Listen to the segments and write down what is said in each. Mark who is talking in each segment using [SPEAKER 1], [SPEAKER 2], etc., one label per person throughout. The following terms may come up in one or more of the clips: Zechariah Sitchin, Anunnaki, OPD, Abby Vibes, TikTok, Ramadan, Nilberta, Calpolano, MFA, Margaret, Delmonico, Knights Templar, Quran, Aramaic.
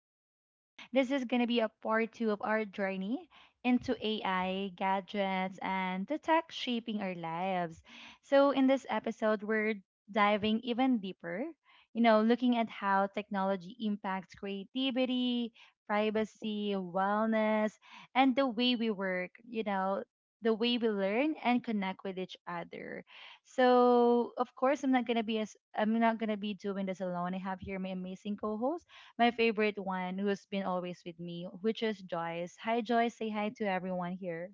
[SPEAKER 1] Abby. This is going to be a part two of our journey into AI, gadgets, and the tech shaping our lives. So, in this episode, we're diving even deeper, looking at how technology impacts creativity, privacy, wellness, and the way we work, the way we learn and connect with each other. So of course I'm not gonna be doing this alone. I have here my amazing co-host, my favorite one who's been always with me, which is Joyce. Hi Joyce, say hi to everyone here.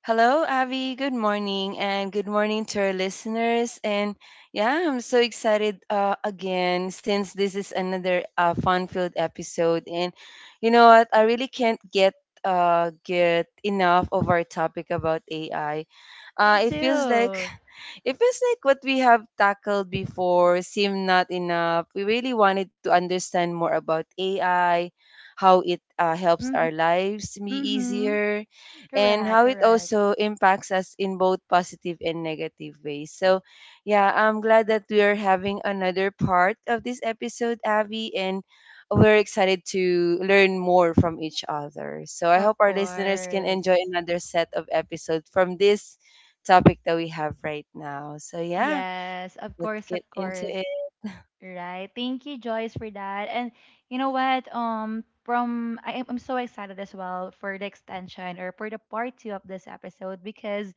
[SPEAKER 2] Hello, Abby. Good morning, and good morning to our listeners. And yeah, I'm so excited again since this is another fun-filled episode. And you know what? I really can't get enough of our topic about AI.
[SPEAKER 1] Me
[SPEAKER 2] It feels like
[SPEAKER 1] too.
[SPEAKER 2] it feels like what we have tackled before seemed not enough. We really wanted to understand more about AI, how it helps our
[SPEAKER 1] Mm-hmm.
[SPEAKER 2] lives be
[SPEAKER 1] Mm-hmm.
[SPEAKER 2] easier, and
[SPEAKER 1] Correct,
[SPEAKER 2] how it
[SPEAKER 1] correct.
[SPEAKER 2] also impacts us in both positive and negative ways. So, yeah, I'm glad that we are having another part of this episode, Abby, and we're excited to learn more from each other. So I
[SPEAKER 1] Of
[SPEAKER 2] hope our listeners can enjoy
[SPEAKER 1] course.
[SPEAKER 2] another set of episodes from this topic that we have right now. So yeah,
[SPEAKER 1] Yes, of
[SPEAKER 2] let's
[SPEAKER 1] course, of
[SPEAKER 2] get into
[SPEAKER 1] course.
[SPEAKER 2] it.
[SPEAKER 1] Right. Thank you, Joyce, for that. And you know what? From I am I'm so excited as well for the extension or for the part two of this episode because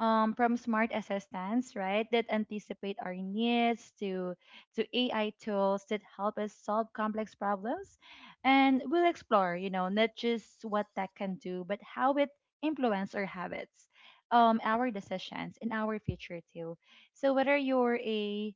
[SPEAKER 1] from smart assistants, right, that anticipate our needs to AI tools that help us solve complex problems. And we'll explore, you know, not just what tech can do, but how it influence our habits, our decisions, and our future too. So whether you're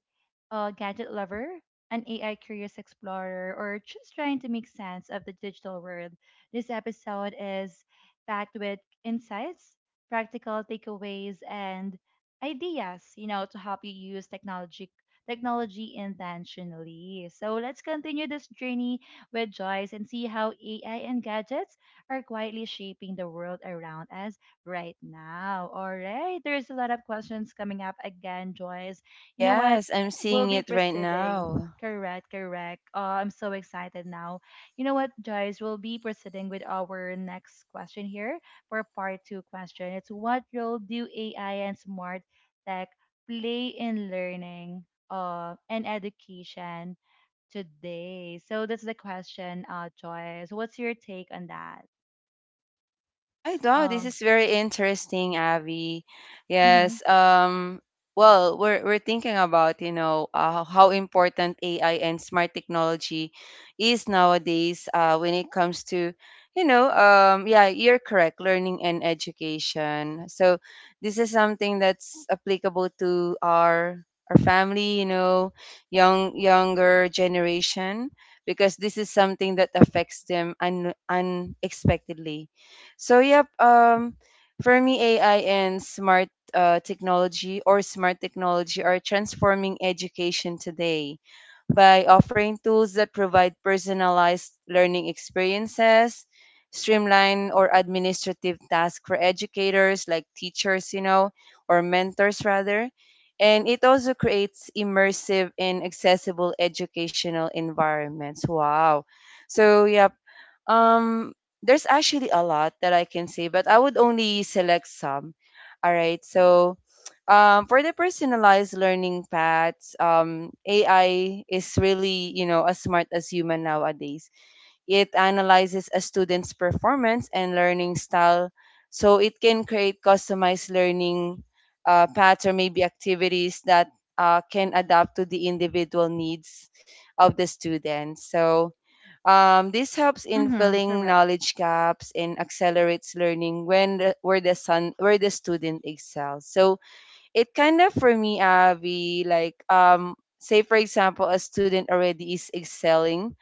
[SPEAKER 1] a gadget lover, an AI curious explorer, or just trying to make sense of the digital world, this episode is packed with insights practical takeaways and ideas, you know, to help you use technology intentionally. So let's continue this journey with Joyce and see how AI and gadgets are quietly shaping the world around us right now. All right, there's a lot of questions coming up again, Joyce. You know what?
[SPEAKER 2] Yes, I'm seeing
[SPEAKER 1] We'll be
[SPEAKER 2] it right
[SPEAKER 1] proceeding.
[SPEAKER 2] now.
[SPEAKER 1] Correct, correct. Oh, I'm so excited now. You know what, Joyce? We'll be proceeding with our next question here for part two question. It's what role do AI and smart tech play in learning and education today? So that's the question, Joyce. What's your take on that?
[SPEAKER 2] Right. Wow, this
[SPEAKER 1] Um,
[SPEAKER 2] is very interesting, Abby.
[SPEAKER 1] mhm.
[SPEAKER 2] Yes. Well, we're thinking about, how important AI and smart technology is nowadays when it comes to, yeah, you're correct, learning and education. So this is something that's applicable to our family, you know, younger generation, because this is something that affects them unexpectedly. So yep, for me, AI and smart technology or smart technology are transforming education today by offering tools that provide personalized learning experiences, streamline or administrative tasks for educators like teachers, you know, or mentors rather. And it also creates immersive and accessible educational environments. Wow. So, yep. Um, there's actually a lot that I can say, but I would only select some. All right. So, for the personalized learning paths, AI is really, you know, as smart as human nowadays. It analyzes a student's performance and learning style, so it can create customized learning paths or maybe activities that can adapt to the individual needs of the student. So this helps in
[SPEAKER 1] Mm-hmm.
[SPEAKER 2] filling
[SPEAKER 1] Correct.
[SPEAKER 2] knowledge gaps and accelerates learning when the, where the son where the student excels. So it kind of, for me, Avi, like say for example, a student already is excelling,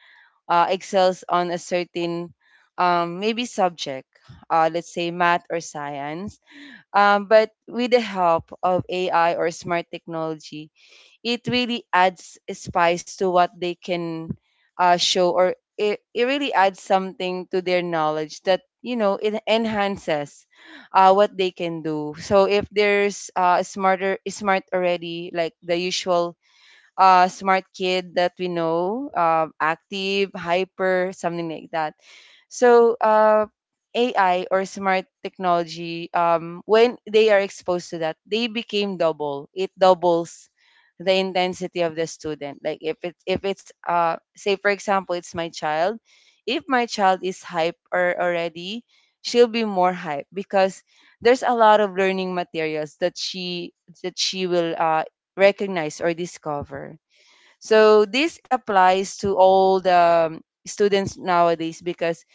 [SPEAKER 2] excels on a certain maybe subject, let's say math or science, but with the help of AI or smart technology, it really adds a spice to what they can show, or it really adds something to their knowledge that, you know, it enhances what they can do. So if there's smart already, like the usual smart kid that we know, active, hyper, something like that. So, AI or smart technology, when they are exposed to that, they became double. It doubles the intensity of the student. Like if it if it's say for example, it's my child, if my child is hype or already, she'll be more hype because there's a lot of learning materials that she will recognize or discover. So this applies to all the students nowadays because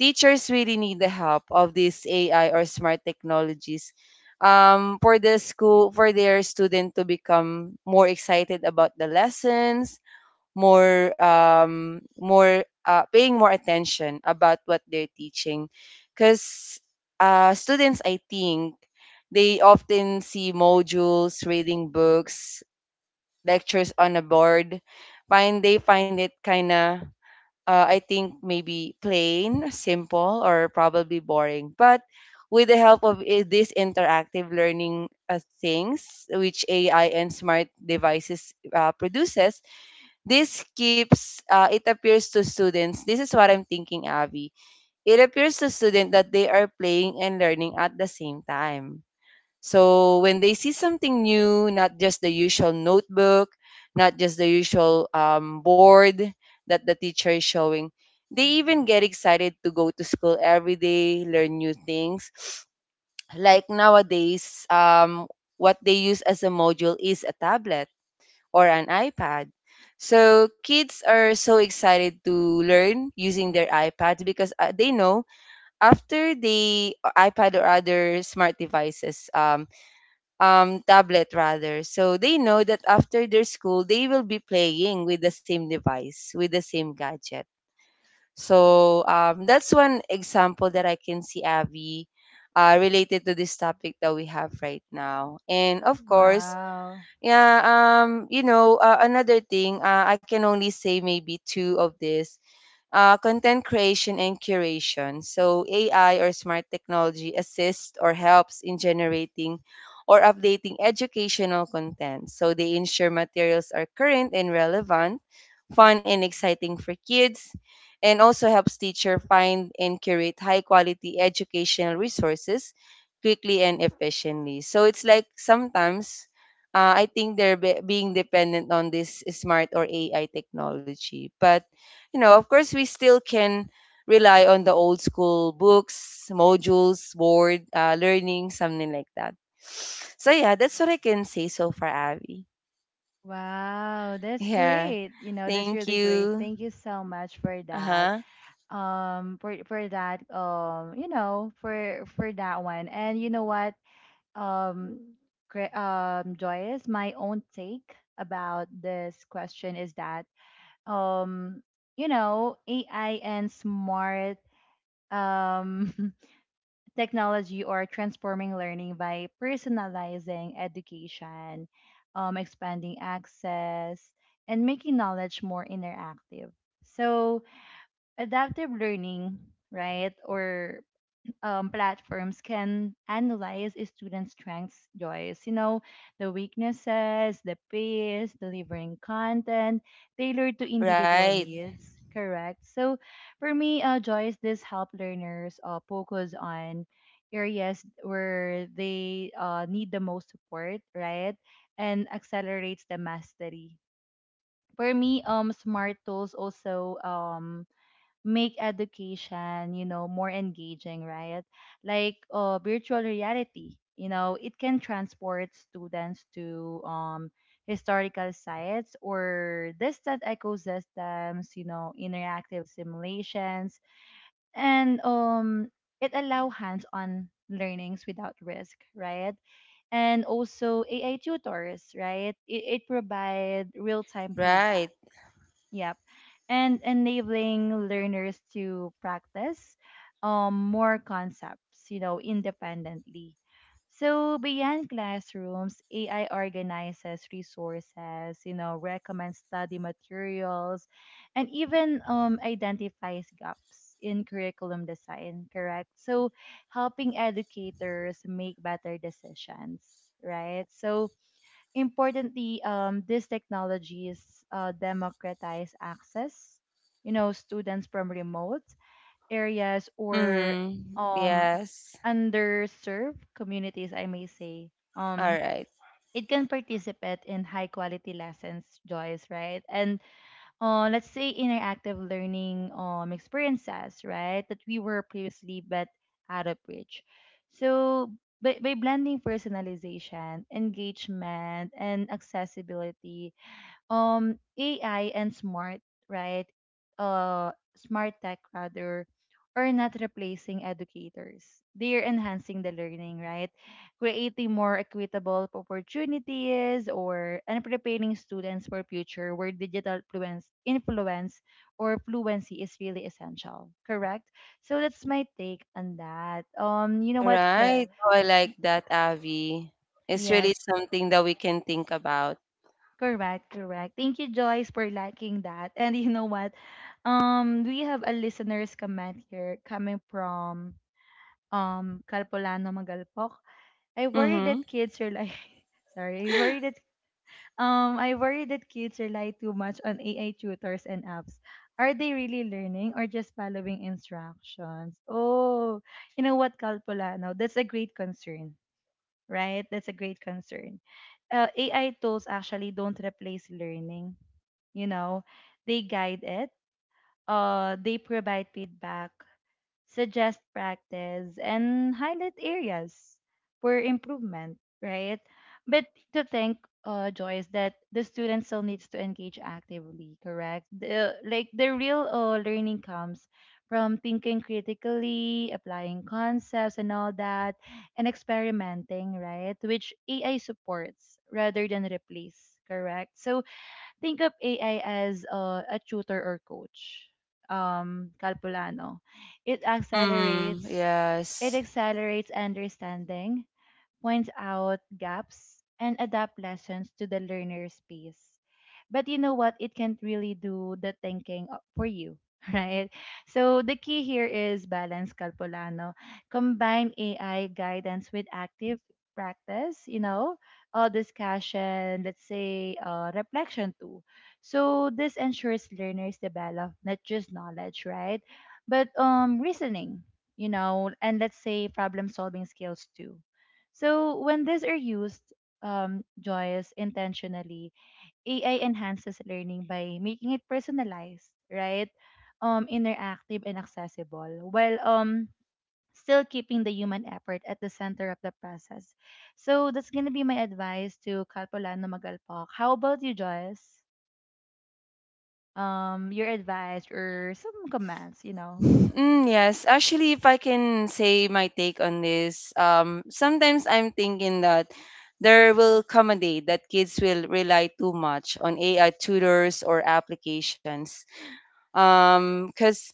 [SPEAKER 2] teachers really need the help of these AI or smart technologies, for their student to become more excited about the lessons, more more paying more attention about what they're teaching, because students, I think, they often see modules, reading books, lectures on a board, find they find it kind of, I think, maybe plain, simple, or probably boring. But with the help of these interactive learning things, which AI and smart devices produces, this keeps it appears to students. This is what I'm thinking, Abby. It appears to students that they are playing and learning at the same time. So when they see something new, not just the usual notebook, not just the usual board that the teacher is showing, they even get excited to go to school every day, learn new things. Like nowadays, what they use as a module is a tablet or an iPad. So kids are so excited to learn using their iPads because they know after the iPad or other smart devices tablet rather. So they know that after their school, they will be playing with the same device, with the same gadget. So that's one example that I can see, Abby, related to this topic that we have right now. And of course,
[SPEAKER 1] Wow.
[SPEAKER 2] yeah, another thing, I can only say maybe two of this: content creation and curation. So, AI or smart technology assists or helps in generating or updating educational content. So, they ensure materials are current and relevant, fun and exciting for kids, and also helps teacher find and curate high quality educational resources quickly and efficiently. So, it's like sometimes I think they're being dependent on this smart or AI technology. But you know, of course, we still can rely on the old school books, modules, board, learning, something like that. So, yeah, that's what I can say so far, Abby.
[SPEAKER 1] Wow, that's
[SPEAKER 2] Yeah,
[SPEAKER 1] great. You know, that's
[SPEAKER 2] thank
[SPEAKER 1] really great.
[SPEAKER 2] you.
[SPEAKER 1] Thank you so much for
[SPEAKER 2] Uh
[SPEAKER 1] that.
[SPEAKER 2] huh.
[SPEAKER 1] You know, for that one. And you know what? um, Joyce, my own take about this question is that, um, you know, AI and smart um, technology are transforming learning by personalizing education, expanding access, and making knowledge more interactive. So, adaptive learning, right, or platforms can analyze a student's strengths, joys, you know, the weaknesses, the pace, delivering content tailored to individual
[SPEAKER 2] Right,
[SPEAKER 1] needs. Correct. So, for me, Joyce, this help learners focus on areas where they need the most support, right, and accelerates the mastery. For me, smart tools also make education, you know, more engaging, right? Like virtual reality, you know, it can transport students to historical sites or distant ecosystems, you know, interactive simulations, and it allow hands-on learnings without risk, right? And also AI tutors, right? It provide real-time
[SPEAKER 2] right.
[SPEAKER 1] feedback. Yep. And enabling learners to practice more concepts, you know, independently. So beyond classrooms, AI organizes resources, you know, recommends study materials, and even identifies gaps in curriculum design, correct? So helping educators make better decisions, right? So importantly, these technologies democratize access. You know, students from remote areas or
[SPEAKER 2] Mm,
[SPEAKER 1] um,
[SPEAKER 2] yes.
[SPEAKER 1] underserved communities, I may say,
[SPEAKER 2] All
[SPEAKER 1] um,
[SPEAKER 2] right.
[SPEAKER 1] it can participate in high quality lessons, Joyce, right? And let's say interactive learning experiences, right? That we were previously but out of reach. So by blending personalization, engagement, and accessibility, AI and smart, right? Uh smart tech rather are not replacing educators. They are enhancing the learning, right? Creating more equitable opportunities or and preparing students for future where digital fluence influence or fluency is really essential. Correct? So that's my take on that.
[SPEAKER 2] All right. Oh, I
[SPEAKER 1] Yeah.
[SPEAKER 2] like that, Avi. It's really
[SPEAKER 1] Yes,
[SPEAKER 2] something that we can think about.
[SPEAKER 1] correct, correct. Thank you, Joyce, for liking that. And you know what? We have a listener's comment here coming from Calpolano Magalpok. I worry
[SPEAKER 2] Mm-hmm.
[SPEAKER 1] that kids rely sorry, I worry that kids rely too much on AI tutors and apps. Are they really learning or just following instructions? Oh, you know what, Calpolano? That's a great concern, right? That's a great concern. AI tools actually don't replace learning, you know, they guide it. Uh, they provide feedback, suggest practice, and highlight areas for improvement, right? But to think, Joyce, that the student still needs to engage actively, correct? Like the real learning comes from thinking critically, applying concepts and all that, and experimenting, right? Which AI supports rather than replace, correct? So think of AI as a tutor or coach. Calpulano. It
[SPEAKER 2] Mm,
[SPEAKER 1] accelerates. It
[SPEAKER 2] yes.
[SPEAKER 1] accelerates understanding, points out gaps, and adapt lessons to the learner's pace, but you know what, it can't really do the thinking for you. Right, so the key here is balance, Calpolano. Combine AI guidance with active practice, you know, discussion, let's say, reflection too. So this ensures learners develop not just knowledge, right, but reasoning, you know, and let's say problem solving skills too. So when these are used, joyous intentionally, AI enhances learning by making it personalized, right? Interactive and accessible, while still keeping the human effort at the center of the process. So that's gonna be my advice to Kalpolano Magalpak. How about you, Joyce? Your advice or some comments, you know?
[SPEAKER 2] Mm, yes, actually, if I can say my take on this, sometimes I'm thinking that there will come a day that kids will rely too much on AI tutors or applications. Because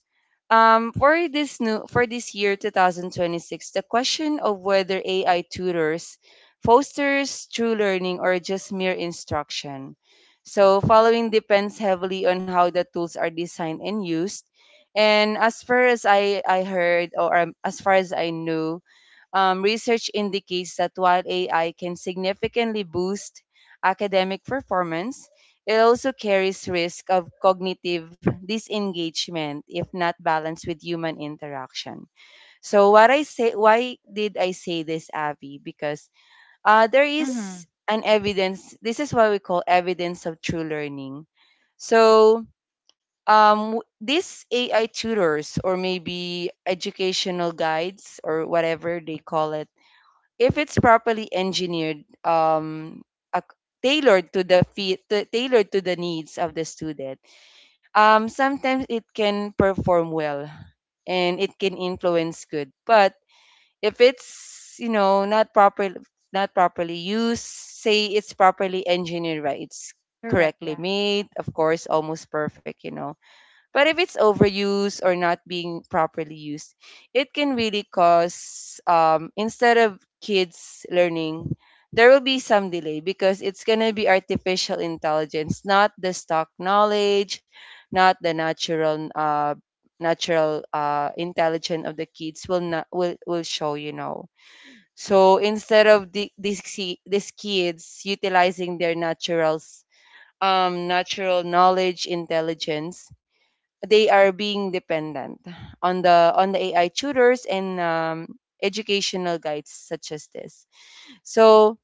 [SPEAKER 2] for this year 2026, the question of whether AI tutors fosters true learning or just mere instruction. So following depends heavily on how the tools are designed and used. And as far as I heard, or as far as I knew, research indicates that while AI can significantly boost academic performance, it also carries risk of cognitive disengagement if not balanced with human interaction. So what I say, why did I say this, Avi? Because there
[SPEAKER 1] Mm-hmm.
[SPEAKER 2] is an evidence, this is what we call evidence of true learning. So these AI tutors or maybe educational guides or whatever they call it, if it's properly engineered, ac- tailored to the needs of the student, sometimes it can perform well and it can influence good. But if it's, you know, not properly used, say it's properly engineered, right, it's
[SPEAKER 1] Correct.
[SPEAKER 2] correctly
[SPEAKER 1] Yeah.
[SPEAKER 2] made, of course almost perfect, you know. But if it's overused or not being properly used, it can really cause, instead of kids learning, there will be some delay because it's going to be artificial intelligence, not the stock knowledge, not the natural intelligence of the kids will not will, will show, you know. So instead of these kids utilizing their natural knowledge intelligence, they are being dependent on the AI tutors and, educational guides such as this. So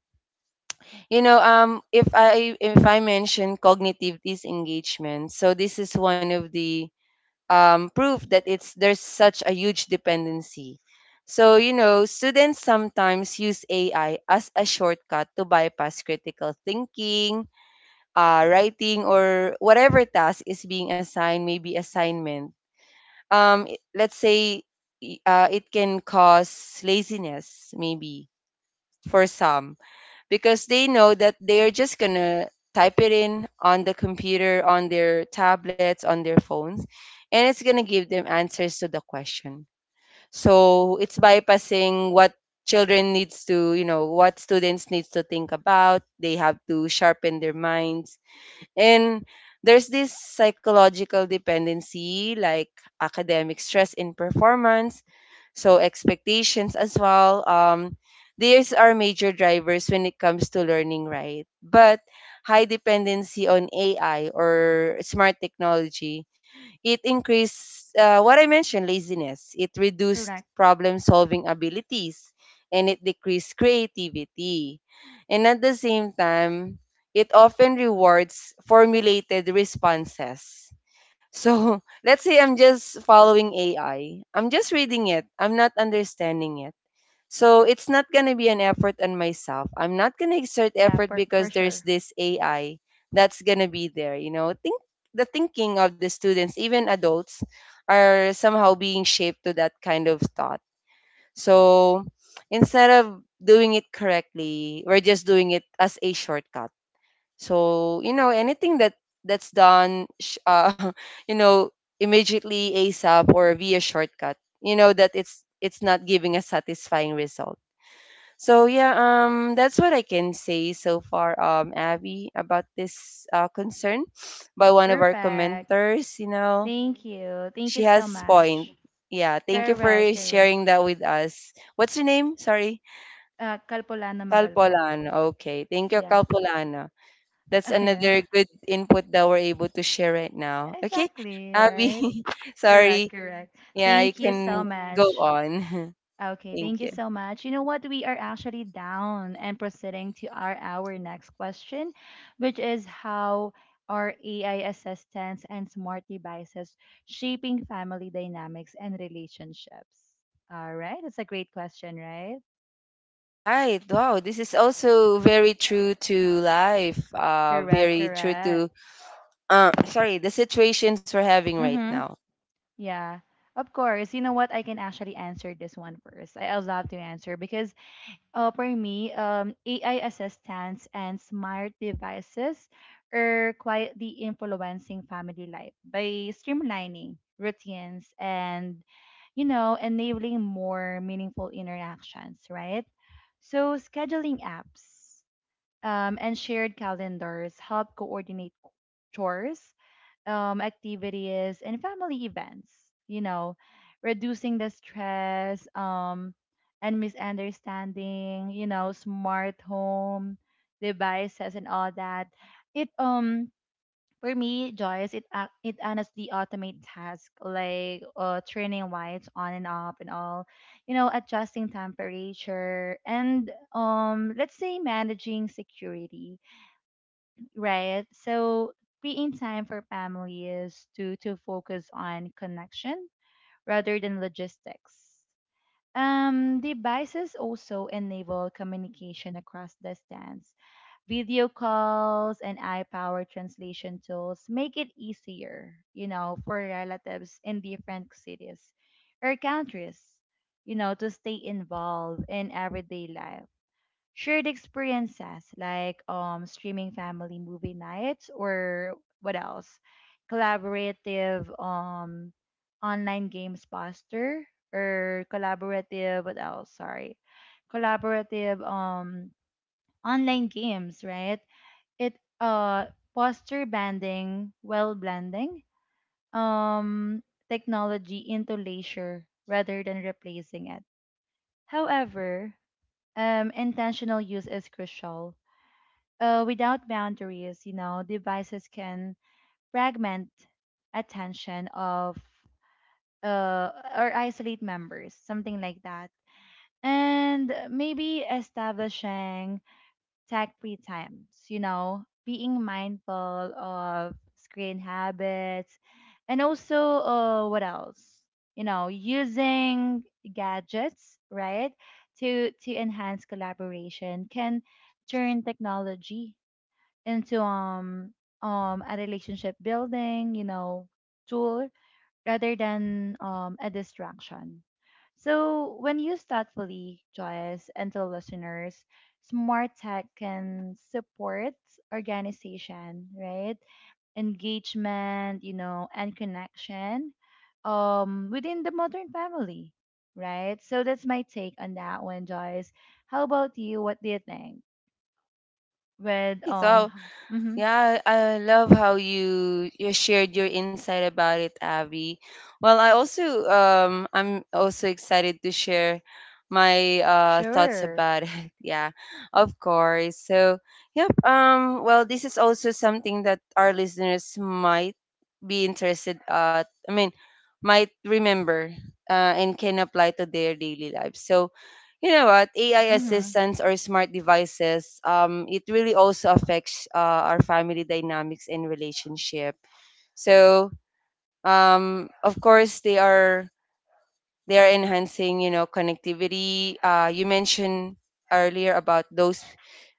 [SPEAKER 2] you know, if I mention cognitive disengagement, so this is one of the proof that it's there's such a huge dependency. So you know, students sometimes use AI as a shortcut to bypass critical thinking, writing, or whatever task is being assigned, maybe assignment. Let's say it can cause laziness maybe for some, because they know that they're just gonna type it in on the computer, on their tablets, on their phones, and it's gonna give them answers to the question. So it's bypassing what children needs to you know what students needs to think about. They have to sharpen their minds. And there's this psychological dependency, like academic stress in performance, so expectations as well. These are major drivers when it comes to learning, right? But high dependency on AI or smart technology, it increased, what I mentioned, laziness. It reduced
[SPEAKER 1] Correct.
[SPEAKER 2] problem solving abilities and it decreased creativity. And at the same time, it often rewards formulated responses. So let's say I'm just following AI. I'm just reading it. I'm not understanding it. So it's not going to be an effort on myself. I'm not going to exert
[SPEAKER 1] Yeah.
[SPEAKER 2] effort
[SPEAKER 1] For
[SPEAKER 2] because there's
[SPEAKER 1] sure.
[SPEAKER 2] this AI that's going to be there. You know, think the thinking of the students, even adults, are somehow being shaped to that kind of thought. So instead of doing it correctly, we're just doing it as a shortcut. So you know, anything that that's done, you know, immediately ASAP or via shortcut, you know that it's not giving a satisfying result. So yeah, that's what I can say so far, Abby, about this concern by one of our
[SPEAKER 1] Perfect.
[SPEAKER 2] commenters. You know,
[SPEAKER 1] Thank you.
[SPEAKER 2] she
[SPEAKER 1] Thank you
[SPEAKER 2] has
[SPEAKER 1] so
[SPEAKER 2] point.
[SPEAKER 1] much.
[SPEAKER 2] Yeah, thank you for
[SPEAKER 1] Correct. Correct.
[SPEAKER 2] sharing that with us. What's your name? Sorry,
[SPEAKER 1] Kalpolano Magalpak.
[SPEAKER 2] Calpolano. Okay, thank you,
[SPEAKER 1] Yeah.
[SPEAKER 2] Calpolano. That's
[SPEAKER 1] Yeah.
[SPEAKER 2] another good input that we're able to share right now. Okay,
[SPEAKER 1] Exactly,
[SPEAKER 2] Abby,
[SPEAKER 1] right? Correct,
[SPEAKER 2] sorry.
[SPEAKER 1] correct.
[SPEAKER 2] Yeah, you
[SPEAKER 1] Thank you so
[SPEAKER 2] can go
[SPEAKER 1] much.
[SPEAKER 2] on.
[SPEAKER 1] Okay,
[SPEAKER 2] Thank
[SPEAKER 1] thank you
[SPEAKER 2] you.
[SPEAKER 1] so much. You know what? We are actually down and proceeding to our next question, which is how are AI assistants and smart devices shaping family dynamics and relationships? All right, that's a great question, right?
[SPEAKER 2] Right. Wow, this is also very true to life.
[SPEAKER 1] Correct,
[SPEAKER 2] Very true to
[SPEAKER 1] correct.
[SPEAKER 2] sorry, the situations we're having right
[SPEAKER 1] Mm-hmm.
[SPEAKER 2] now.
[SPEAKER 1] Yeah. Of course. You know what? I can actually answer this one first. I'd love to answer because for me, AI assistants and smart devices are quietly influencing family life by streamlining routines and, you know, enabling more meaningful interactions, right? So, scheduling apps and shared calendars help coordinate chores, activities and family events, you know, reducing the stress, and misunderstanding, you know, smart home devices and all that. It For me, Joyce, it it honestly automate task like turning lights on and off and all, you know, adjusting temperature and let's say managing security. Right. So being time for family is to focus on connection rather than logistics. Devices also enable communication across distance. Video calls and eye-powered translation tools make it easier, you know, for relatives in different cities or countries, you know, to stay involved in everyday life shared experiences like streaming family movie nights or what else collaborative online games poster or collaborative what else sorry collaborative online games right it posture banding well blending um technology into leisure rather than replacing it. However, intentional use is crucial. Uh, without boundaries, you know, devices can fragment attention of uh, or isolate members, something like that. And maybe establishing tech free times, you know, being mindful of screen habits and also, what else? you know, using gadgets, right, to enhance collaboration can turn technology into a relationship building, you know, tool rather than a distraction. So when used thoughtfully, Joyce, and to listeners, smart tech can support organization, right? Engagement, you know, and connection within the modern family. Right. So that's my take on that one, Joyce. How about you? What do you think? With
[SPEAKER 2] Right. Wow,
[SPEAKER 1] Mm-hmm.
[SPEAKER 2] yeah, I love how you shared your insight about it, Abby. Well, I also I'm also excited to share my thoughts
[SPEAKER 1] Sure.
[SPEAKER 2] about it. Yeah, of course. So, yep. Well, this is also something that our listeners might be interested at. I mean, might remember and can apply to their daily lives. So, you know what, AI
[SPEAKER 1] Mm-hmm.
[SPEAKER 2] assistants or smart devices it really also affects our family dynamics and relationship. So of course they are enhancing, you know, connectivity. Uh, you mentioned earlier about those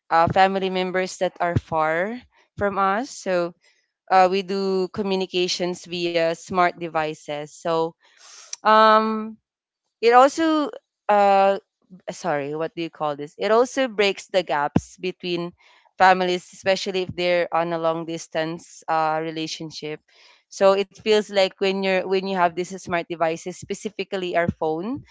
[SPEAKER 2] family members that are far from us. So we do communications via smart devices. So um it also uh sorry, what do you call this? It also breaks the gaps between families, especially if they're on a long distance relationship. So it feels like when you have these smart devices, specifically our phone,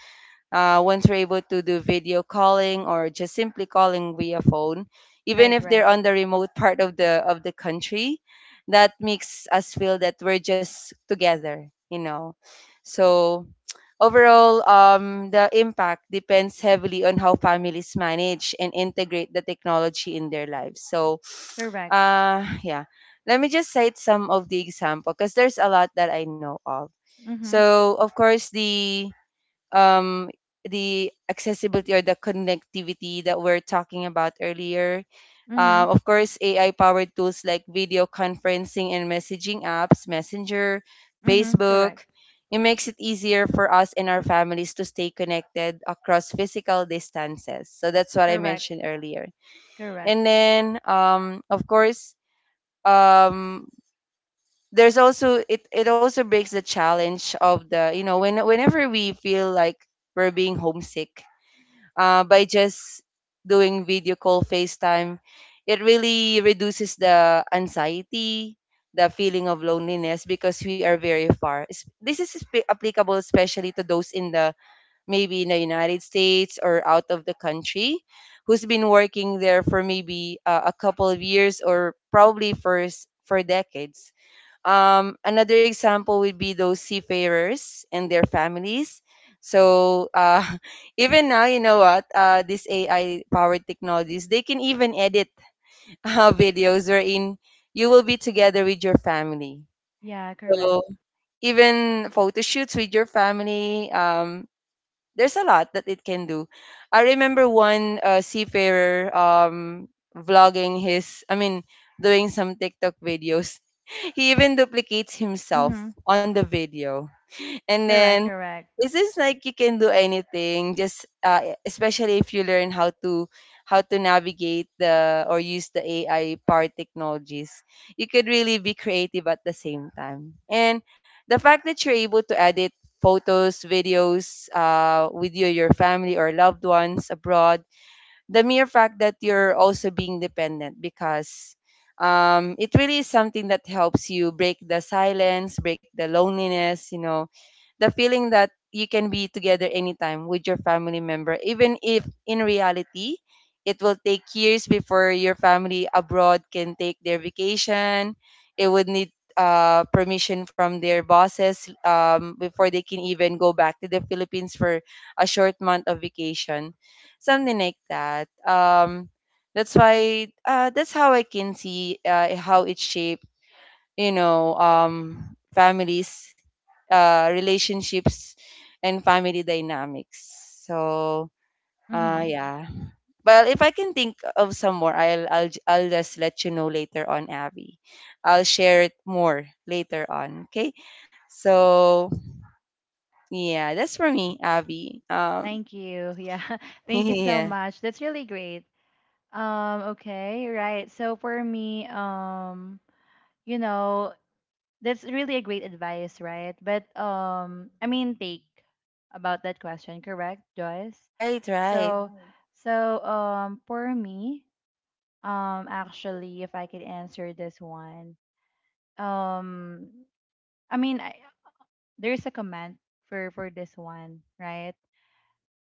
[SPEAKER 2] once we're able to do video calling or just simply calling via phone, even
[SPEAKER 1] Right,
[SPEAKER 2] if they're
[SPEAKER 1] right.
[SPEAKER 2] on the remote part of the country, that makes us feel that we're just together, you know. So overall, the impact depends heavily on how families manage and integrate the technology in their lives. So,
[SPEAKER 1] Correct.
[SPEAKER 2] yeah, let me just cite some of the example because there's a lot that I know of.
[SPEAKER 1] Mm-hmm.
[SPEAKER 2] So, of course, um, the accessibility or the connectivity that we're talking about earlier.
[SPEAKER 1] Mm-hmm.
[SPEAKER 2] Of course, AI powered tools like video conferencing and messaging apps, Messenger,
[SPEAKER 1] Mm-hmm.
[SPEAKER 2] Facebook,
[SPEAKER 1] Correct.
[SPEAKER 2] it makes it easier for us and our families to stay connected across physical distances. So that's what I
[SPEAKER 1] Correct.
[SPEAKER 2] mentioned earlier.
[SPEAKER 1] Correct.
[SPEAKER 2] And then, of course, um, there's also it also breaks the challenge of the, you know, whenever we feel like we're being homesick, by just doing video call, FaceTime, it really reduces the anxiety, the feeling of loneliness, because we are very far. This is applicable especially to those in the, maybe in the United States or out of the country, who's been working there for maybe a couple of years or probably for for decades. Um, another example would be those seafarers and their families. So even now, you know what? This AI-powered technologies, they can even edit videos wherein you will be together with your family.
[SPEAKER 1] Yeah, correct.
[SPEAKER 2] So even photo shoots with your family, there's a lot that it can do. I remember one seafarer vlogging his, I mean, doing some TikTok videos. He even duplicates himself
[SPEAKER 1] Mm-hmm.
[SPEAKER 2] on the video. And then
[SPEAKER 1] Correct, correct.
[SPEAKER 2] this is like you can do anything just especially if you learn how to, how to navigate the or use the AI power technologies. You could really be creative at the same time. And the fact that you're able to edit photos, videos with you, your family or loved ones abroad, the mere fact that you're also being dependent, because it really is something that helps you break the silence, break the loneliness, you know, the feeling that you can be together anytime with your family member, even if in reality it will take years before your family abroad can take their vacation. It would need permission from their bosses before they can even go back to the Philippines for a short month of vacation, something like that. That's why that's how I can see how it shaped, you know, families, relationships and family dynamics. So
[SPEAKER 1] Mm-hmm.
[SPEAKER 2] yeah, well, if I can think of some more, I'll just let you know later on, Abby. I'll share it more later on, okay? So yeah, that's for me, Abby.
[SPEAKER 1] Thank you. Yeah. Thank you so
[SPEAKER 2] Yeah.
[SPEAKER 1] much. That's really great. Okay, right. So for me, you know, that's really a great advice, right? But I mean take about that question, correct, Joyce?
[SPEAKER 2] Right, right.
[SPEAKER 1] So right. So for me, actually, if I could answer this one, um, I mean, I, there's a comment for this one, right?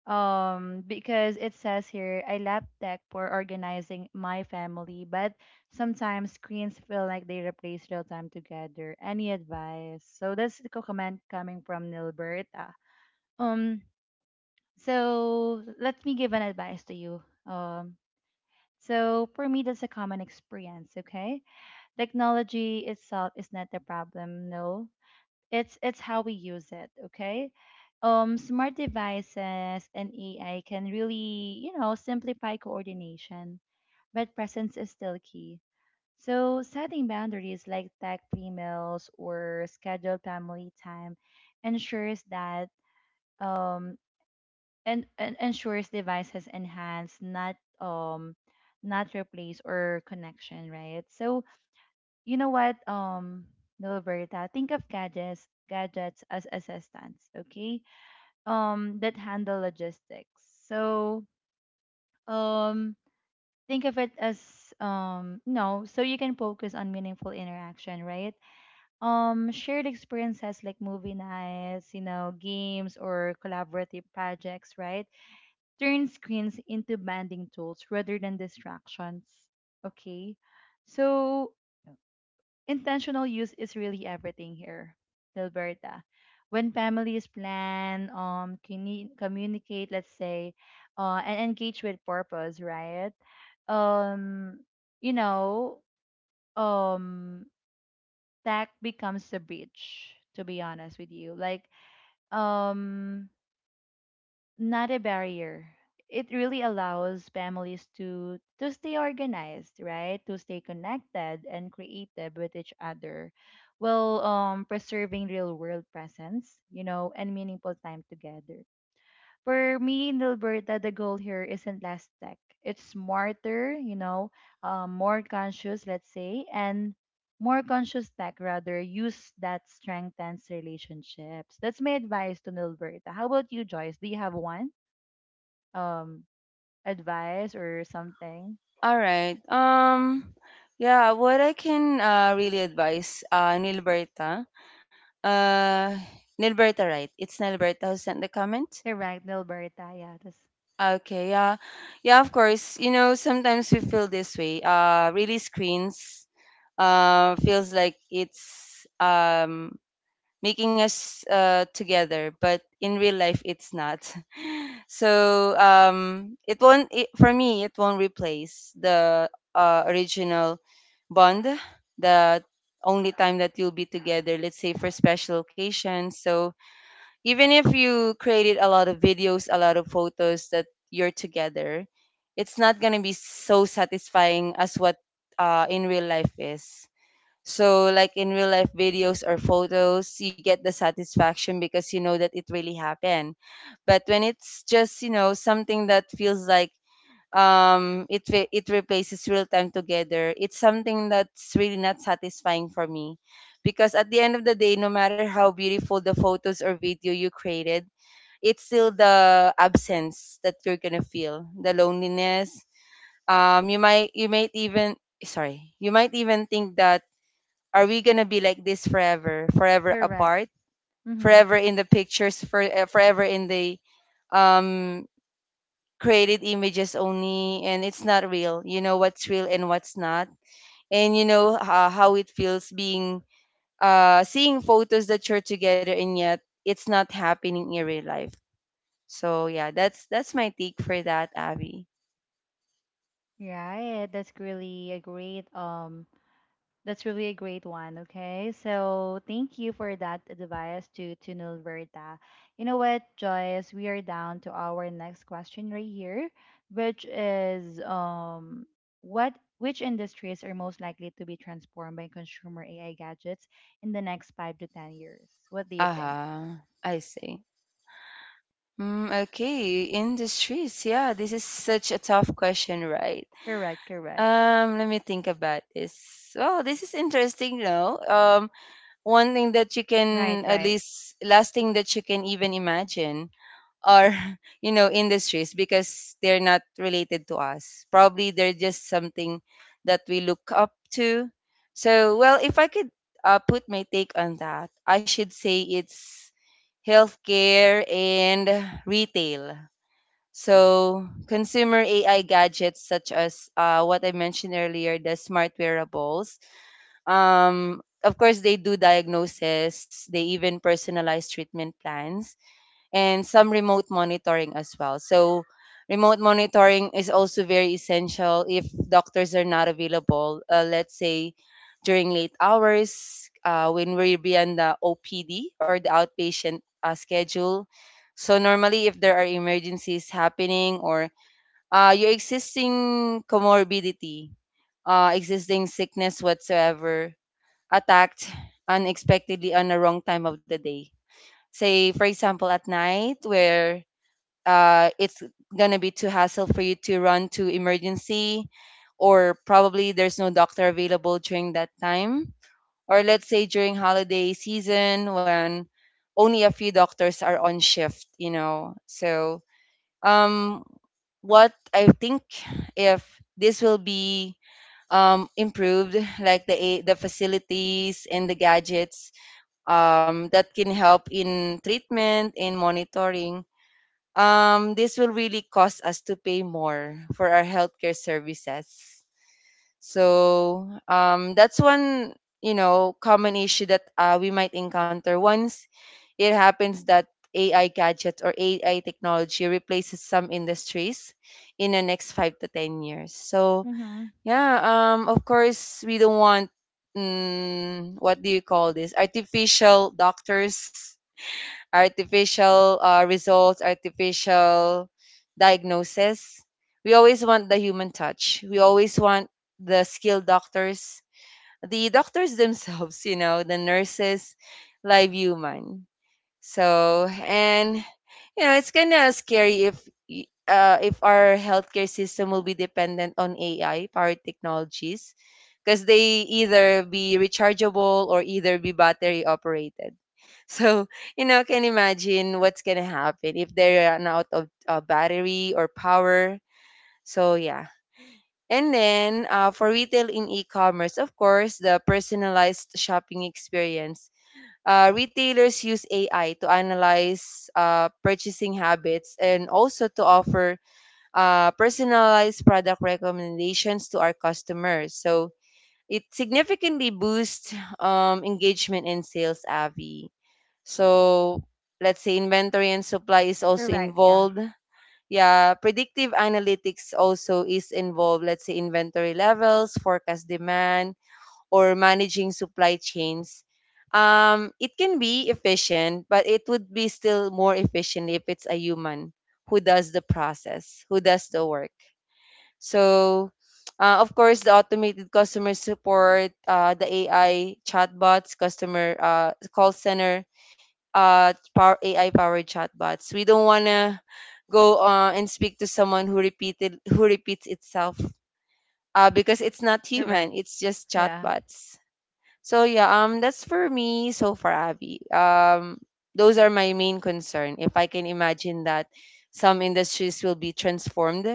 [SPEAKER 1] Because it says here, I love tech for organizing my family, but sometimes screens feel like they replace real time together. Any advice? So that's the comment coming from Nilberta. Um, so let me give an advice to you. So for me, that's a common experience, okay? Technology itself is not the problem, no. It's how we use it, okay? Smart devices and AI can really, you know, simplify coordination, but presence is still key. So setting boundaries like tech-free meals or scheduled family time ensures that um and ensures devices enhance, not um not replace or connection, right? So you know what, Milberta? Think of gadgets as assistants, okay? That handle logistics. Um, think of it as no, so you can focus on meaningful interaction, right? Shared experiences like movie nights, you know, games or collaborative projects, right? Turn screens into banding tools rather than distractions, okay? So, intentional use is really everything here, Dilberta. When families plan, communicate, let's say, and engage with purpose, right? Um, you know, um, that becomes the bridge. To be honest with you, um, not a barrier. It really allows families to stay organized, right? To stay connected and creative with each other, while preserving real world presence, you know, and meaningful time together. For me and Alberta, the goal here isn't less tech. It's smarter, you know, more conscious, let's say, and more conscious tech rather use that strengthens relationships. That's my advice to Nilberta. How about you, Joyce? Do you have one? um Advice or something.
[SPEAKER 2] All right, yeah, what I can really advise, Nilberta. Uh, Nilberta, right? It's Nilberta who sent the comment.
[SPEAKER 1] Correct, Nilberta. Yeah, that's
[SPEAKER 2] Okay, yeah, yeah, of course. You know, sometimes we feel this way. Really screens feels like it's making us together, but in real life it's not. So it won't. It, for me, it won't replace the original bond. The only time that you'll be together, let's say, for special occasions. So even if you created a lot of videos, a lot of photos that you're together, it's not gonna be so satisfying as what in real life is. So, like in real life videos or photos, you get the satisfaction because you know that it really happened. But when it's just, you know, something that feels like it replaces real time together, it's something that's really not satisfying for me, because at the end of the day, no matter how beautiful the photos or video you created, it's still the absence that you're gonna feel, the loneliness. You might even, sorry, you might even think that, are we gonna be like this forever, forever
[SPEAKER 1] correct.
[SPEAKER 2] apart,
[SPEAKER 1] Mm-hmm.
[SPEAKER 2] forever in the pictures, forever in the um created images only, and it's not real. You know what's real and what's not, and you know how it feels being seeing photos that you're together and yet it's not happening in real life. So yeah, that's my take for that, Abby.
[SPEAKER 1] Right. That's really a great, that's really a great one. Okay. So thank you for that advice to Nilberta. You know what, Joyce, we are down to our next question right here, which is what which industries are most likely to be transformed by consumer AI gadgets in the next 5 to 10 years? What do you think?
[SPEAKER 2] Uh-huh, I see. Mm, okay, industries, yeah, this is such a tough question, right?
[SPEAKER 1] Correct, correct.
[SPEAKER 2] Let me think about this. Well, this is interesting, no? One thing that you can
[SPEAKER 1] Right,
[SPEAKER 2] at
[SPEAKER 1] right.
[SPEAKER 2] least, last thing that you can even imagine are you know, industries, because they're not related to us, probably, they're just something that we look up to. So, well, if I could put my take on that, I should say it's healthcare and retail. So consumer AI gadgets such as what I mentioned earlier, the smart wearables. Of course, they do diagnosis, they even personalize treatment plans, and some remote monitoring as well. So, remote monitoring is also very essential if doctors are not available, let's say during late hours, when we're beyond the OPD or the outpatient schedule. So, normally, if there are emergencies happening or your existing comorbidity, existing sickness whatsoever, attacked unexpectedly on the wrong time of the day. Say, for example, at night where it's gonna be too hassle for you to run to emergency, or probably there's no doctor available during that time. Or let's say during holiday season when only a few doctors are on shift, you know. So, um, what I think, if this will be improved, like the the facilities and the gadgets that can help in treatment and monitoring. This will really cost us to pay more for our healthcare services. So that's one, you know, common issue that we might encounter once it happens that AI gadget or AI technology replaces some industries in the next 5 to 10 years. So
[SPEAKER 1] Mm-hmm.
[SPEAKER 2] yeah, of course, we don't want, mm, what do you call this? Artificial doctors, artificial results, artificial diagnosis. We always want the human touch. We always want the skilled doctors, the doctors themselves, you know, the nurses, live human. So, and you know, it's kind of scary if if our healthcare system will be dependent on AI powered technologies, because they either be rechargeable or either be battery operated. So, you know, can imagine what's going to happen if they run out of battery or power. So, yeah. And then for retail in e commerce, of course, the personalized shopping experience, retailers use AI to analyze purchasing habits and also to offer personalized product recommendations to our customers. So it significantly boosts engagement and sales, Avi. So let's say inventory and supply is also
[SPEAKER 1] Correct. Yeah.
[SPEAKER 2] involved. Yeah, predictive analytics also is involved. Let's say inventory levels, forecast demand, or managing supply chains, it can be efficient, but it would be still more efficient if it's a human who does the process, who does the work. So, of course, the automated customer support, the AI chatbots, customer call center, power, AI powered chatbots. We don't want to go and speak to someone who repeats itself because it's not
[SPEAKER 1] Correct.
[SPEAKER 2] human, it's just
[SPEAKER 1] Yeah.
[SPEAKER 2] chatbots. So yeah, that's for me so far, Abby. Those are my main concern. If I can imagine that some industries will be transformed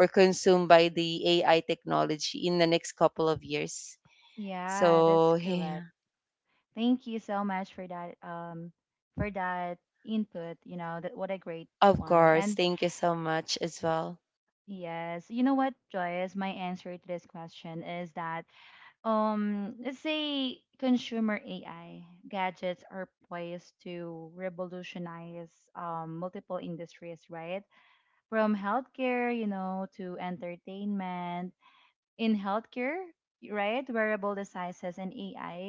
[SPEAKER 2] or consumed by the AI technology in the next couple of years.
[SPEAKER 1] Yeah, that's
[SPEAKER 2] So
[SPEAKER 1] correct.
[SPEAKER 2] yeah,
[SPEAKER 1] Thank you so much for that input, you know, that what a great
[SPEAKER 2] of
[SPEAKER 1] one.
[SPEAKER 2] course.
[SPEAKER 1] And
[SPEAKER 2] Thank you so much as well.
[SPEAKER 1] yes, you know what, Joyce, my answer to this question is that let's say consumer AI gadgets are poised to revolutionize multiple industries, right? From healthcare, you know, to entertainment in healthcare, right? Wearable devices and AI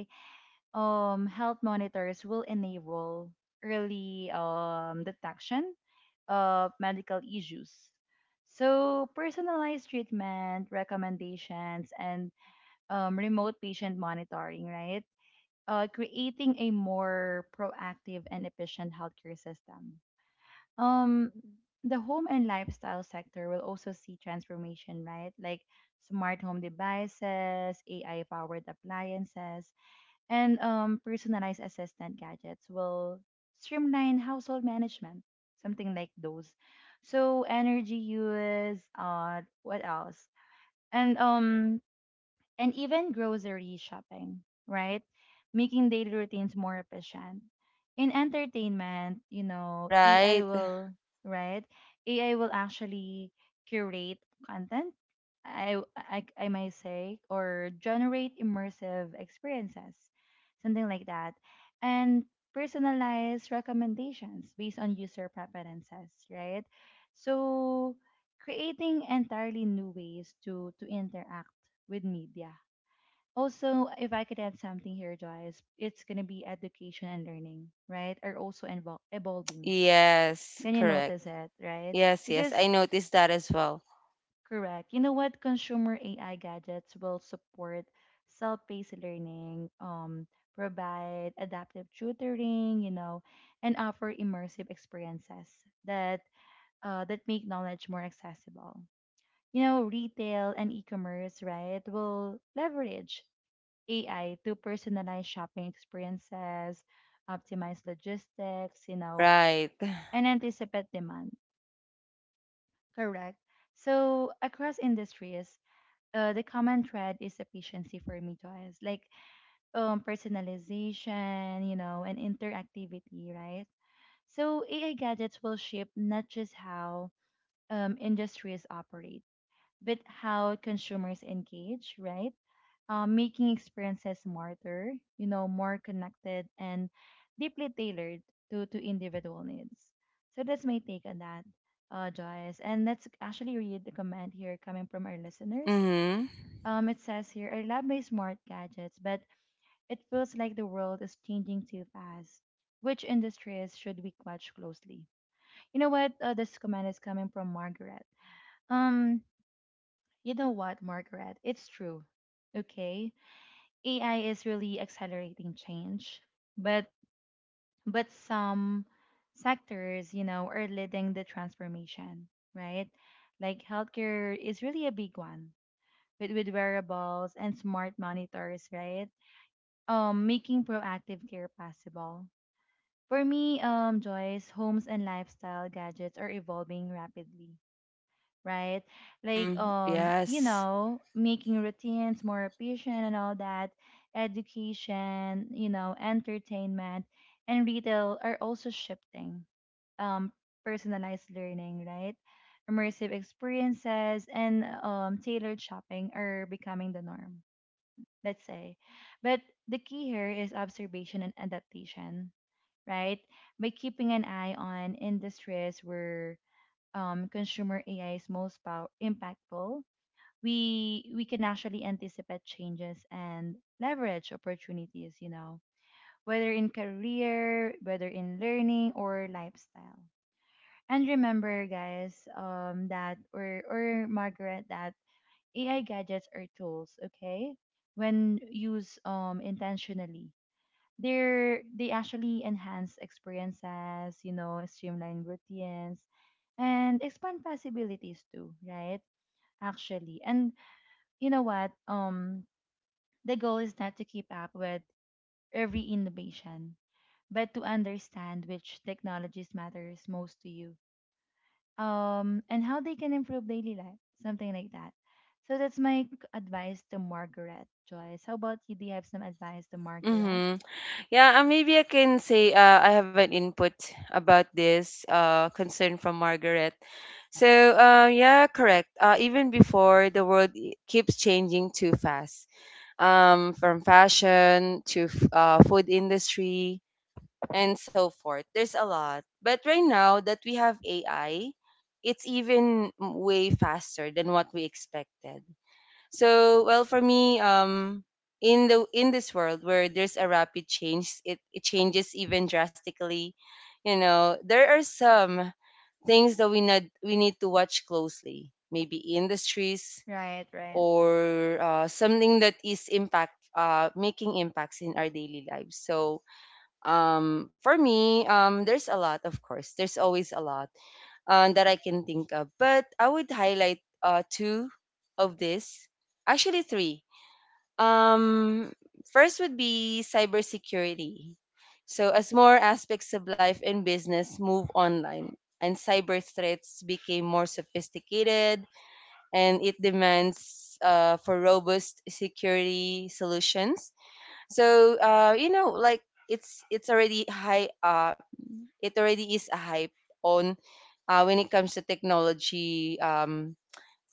[SPEAKER 1] health monitors will enable early detection of medical issues. So, personalized treatment recommendations and remote patient monitoring, right? Creating a more proactive and efficient healthcare system. um the home and lifestyle sector will also see transformation, right? Like smart home devices, ai powered appliances, and personalized assistant gadgets will streamline household management, something like those. So energy use, what else, and and even grocery shopping, right? Making daily routines more efficient. In entertainment, you know, AI
[SPEAKER 2] Right?
[SPEAKER 1] will, right? AI will actually curate content, I might say, or generate immersive experiences, something like that. And personalize recommendations based on user preferences, right? So creating entirely new ways to interact with media. Also, if I could add something here, Joyce, it's gonna be education and learning, right? Are also invol evolving.
[SPEAKER 2] Yes,
[SPEAKER 1] Can you
[SPEAKER 2] correct.
[SPEAKER 1] notice it, right?
[SPEAKER 2] Yes, yes.
[SPEAKER 1] Because
[SPEAKER 2] I noticed that as well.
[SPEAKER 1] correct, you know what? Consumer AI gadgets will support self-paced learning, provide adaptive tutoring, you know, and offer immersive experiences that that make knowledge more accessible. You know, retail and e-commerce, right, will leverage AI to personalize shopping experiences, optimize logistics, you know,
[SPEAKER 2] Right.
[SPEAKER 1] and anticipate demand. Correct. So across industries, the common thread is efficiency for me, Joyce. Like personalization, you know, and interactivity, right? So AI gadgets will shape not just how industries operate, but how consumers engage, right? Making experiences smarter, you know, more connected and deeply tailored to individual needs. So that's my take on that, Joyce. And let's actually read the comment here coming from our listeners.
[SPEAKER 2] Mm-hmm.
[SPEAKER 1] It says here, I love my smart gadgets, but it feels like the world is changing too fast. Which industries should we watch closely? You know what? This comment is coming from Margaret. Um, you know what, Margaret? It's true. Okay, AI is really accelerating change, but but some sectors, you know, are leading the transformation, right? Like healthcare is really a big one with wearables and smart monitors, right? Making proactive care possible. For me, Joyce, homes and lifestyle gadgets are evolving rapidly, right? Like
[SPEAKER 2] Mm,
[SPEAKER 1] you
[SPEAKER 2] yes.
[SPEAKER 1] know, making routines more efficient and all that, education, you know, entertainment and retail are also shifting. Um, Personalized learning, right? Immersive experiences and tailored shopping are becoming the norm, let's say. But the key here is observation and adaptation, right? By keeping an eye on industries where consumer AI is most pow- impactful, we can actually anticipate changes and leverage opportunities. You know, whether in career, whether in learning or lifestyle. And remember, guys, that or Margaret, that AI gadgets are tools. Okay, when used intentionally, they actually enhance experiences, you know, streamline routines and expand possibilities too, right? Actually. And you know what? The goal is not to keep up with every innovation, but to understand which technologies matters most to you. And how they can improve daily life, something like that. So that's my advice to Margaret, Joyce. How about you? Do you have some advice to Margaret?
[SPEAKER 2] Mm-hmm. Yeah, maybe I can say I have an input about this concern from Margaret. So, yeah, correct. Even before, the world keeps changing too fast, from fashion to food industry and so forth. There's a lot. But right now that we have AI, it's even way faster than what we expected. So, well, for me, in the in this world where there's a rapid change, it changes even drastically. You know, there are some things that we need to watch closely. Maybe industries
[SPEAKER 1] Right, right.
[SPEAKER 2] or something that is impact making impacts in our daily lives. So, for me, there's a lot, of course. There's always a lot that I can think of, but I would highlight two of this, actually three um, first would be cybersecurity. So as more aspects of life and business move online and cyber threats became more sophisticated and it demands for robust security solutions. So you know like it's already high, it already is a hype on when it comes to technology,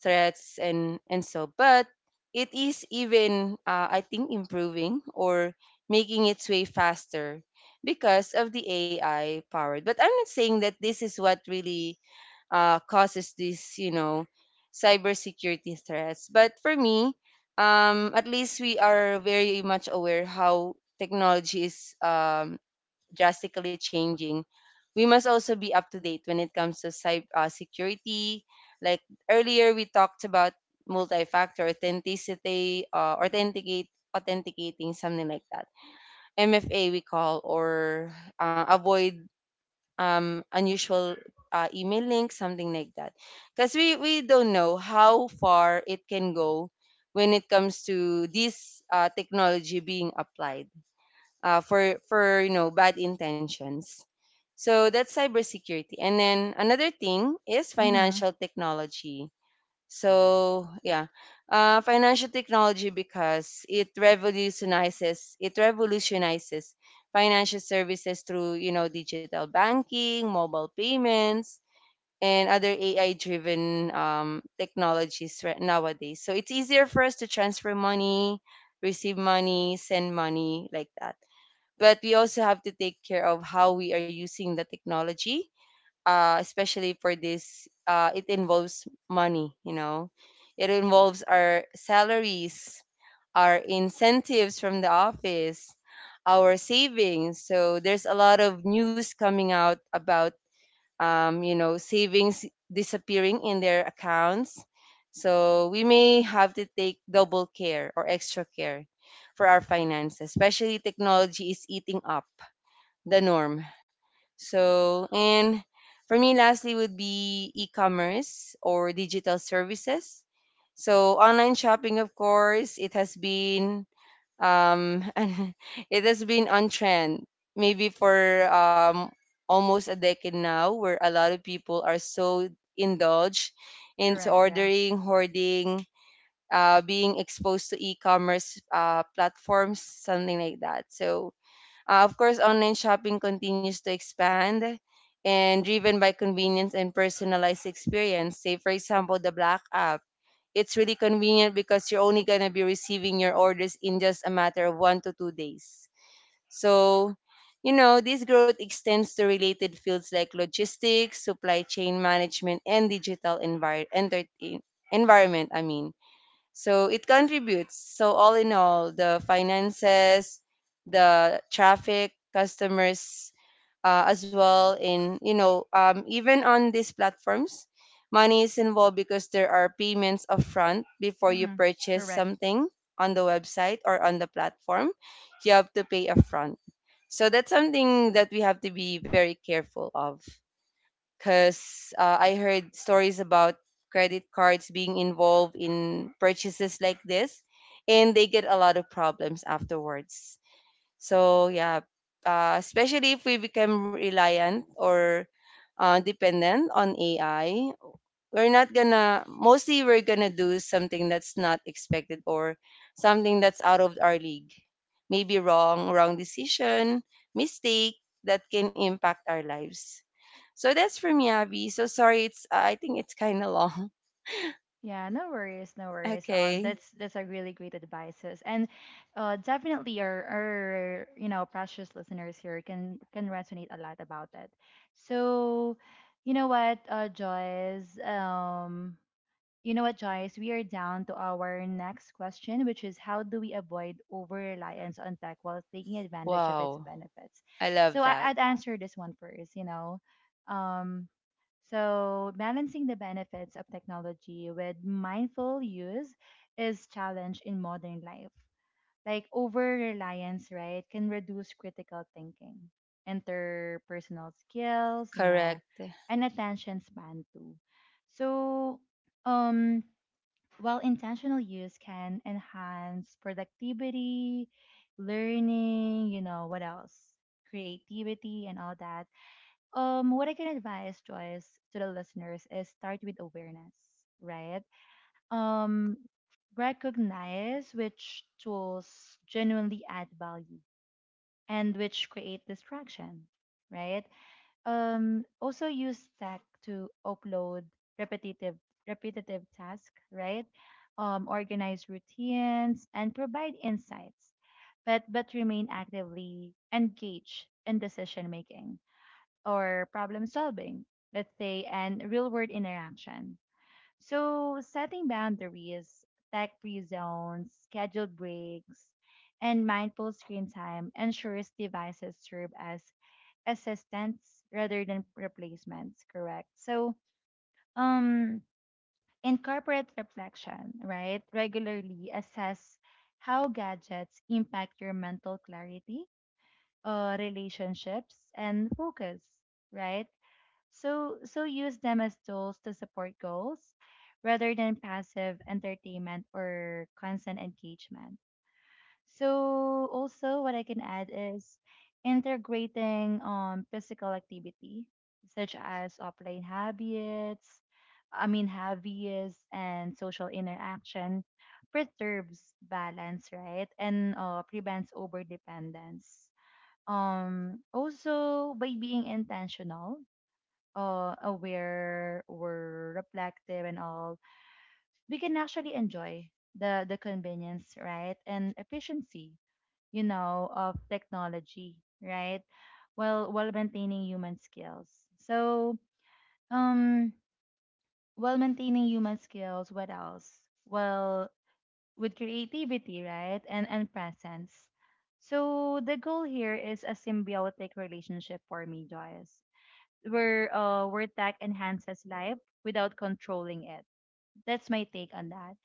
[SPEAKER 2] threats and so, but it is even I think improving or making its way faster because of the AI powered, but I'm not saying that this is what really causes this, you know, cybersecurity threats. But for me, at least we are very much aware how technology is drastically changing. We must also be up to date when it comes to cyber security. Like earlier, we talked about multi-factor authenticating, something like that. MFA we call, or avoid unusual email links, something like that. Because we don't know how far it can go when it comes to this technology being applied for you know, bad intentions. So that's cybersecurity. And then another thing is
[SPEAKER 1] Mm-hmm.
[SPEAKER 2] financial technology. So yeah, financial technology, because it revolutionizes financial services through, you know, digital banking, mobile payments, and other AI driven technologies right nowadays. So it's easier for us to transfer money, receive money, send money like that, but we also have to take care of how we are using the technology, especially for this. It involves money, you know, it involves our salaries, our incentives from the office, our savings. So there's a lot of news coming out about, you know, savings disappearing in their accounts. So we may have to take double care or extra care for our finances, especially technology is eating up the norm. So, and for me, lastly, would be e commerce or digital services. So, online shopping, of course, it has been um it has been on trend maybe for um almost a decade now, where a lot of people are so indulged into
[SPEAKER 1] Correct, yeah.
[SPEAKER 2] ordering, hoarding, being exposed to e-commerce platforms, something like that. So of course online shopping continues to expand and driven by convenience and personalized experience. Say for example the black app, it's really convenient because you're only going to be receiving your orders in just a matter of one to two days. So, you know, this growth extends to related fields like logistics, supply chain management, and digital environment. I mean, so it contributes. So, all in all, the finances, the traffic, customers, as well in, you know, even on these platforms, money is involved because there are payments upfront before you
[SPEAKER 1] Mm-hmm.
[SPEAKER 2] purchase
[SPEAKER 1] Correct.
[SPEAKER 2] something on the website or on the platform. You have to pay upfront, so that's something that we have to be very careful of, because I heard stories about credit cards being involved in purchases like this, and they get a lot of problems afterwards. So yeah, especially if we become reliant or dependent on AI, we're not gonna. Mostly, we're gonna do something that's not expected, or something that's out of our league. Maybe wrong decision, mistake that can impact our lives. So that's for me, Abby. So sorry, it's I think it's kind of long.
[SPEAKER 1] Yeah, no worries, no worries.
[SPEAKER 2] Okay.
[SPEAKER 1] That's a really great advices, and definitely our, you know, precious listeners here can resonate a lot about it. So, you know what, Joyce, you know what, Joyce? We are down to our next question, which is how do we avoid over reliance on tech while taking advantage of its
[SPEAKER 2] Wow,
[SPEAKER 1] benefits?
[SPEAKER 2] I
[SPEAKER 1] So
[SPEAKER 2] love
[SPEAKER 1] I,
[SPEAKER 2] that.
[SPEAKER 1] I'd answer this one first, you know. Um, so balancing the benefits of technology with mindful use is challenge in modern life. Like over reliance, right, can reduce critical thinking, interpersonal skills, you know,
[SPEAKER 2] Correct.
[SPEAKER 1] and attention span too. So, um, while intentional use can enhance productivity, learning, you know, what else? Creativity and all that. What I can advise, Joyce, to the listeners is start with awareness, right? um, Recognize which tools genuinely add value and which create distraction, right? Also use tech to upload repetitive repetitive tasks, right? Organize routines and provide insights, but remain actively engaged in decision making or problem solving, let's say, and real world interaction. So, setting boundaries, tech free zones, scheduled breaks, and mindful screen time ensures devices serve as assistants rather than replacements, correct? So, um, incorporate reflection, right? Regularly assess how gadgets impact your mental clarity, relationships, and focus, right? So so use them as tools to support goals rather than passive entertainment or constant engagement. So also what I can add is integrating physical activity such as offline habits, I mean hobbies and social interaction preserves balance, right? And prevents overdependence. Also by being intentional, aware or reflective and all, we can actually enjoy the convenience, right, and efficiency, you know, of technology, right, while maintaining human skills. So, um, while maintaining human skills, what else? Well, with creativity, right, and presence. So the goal here is a symbiotic relationship for me, Joyce, where tech enhances life without controlling it. That's my take on that.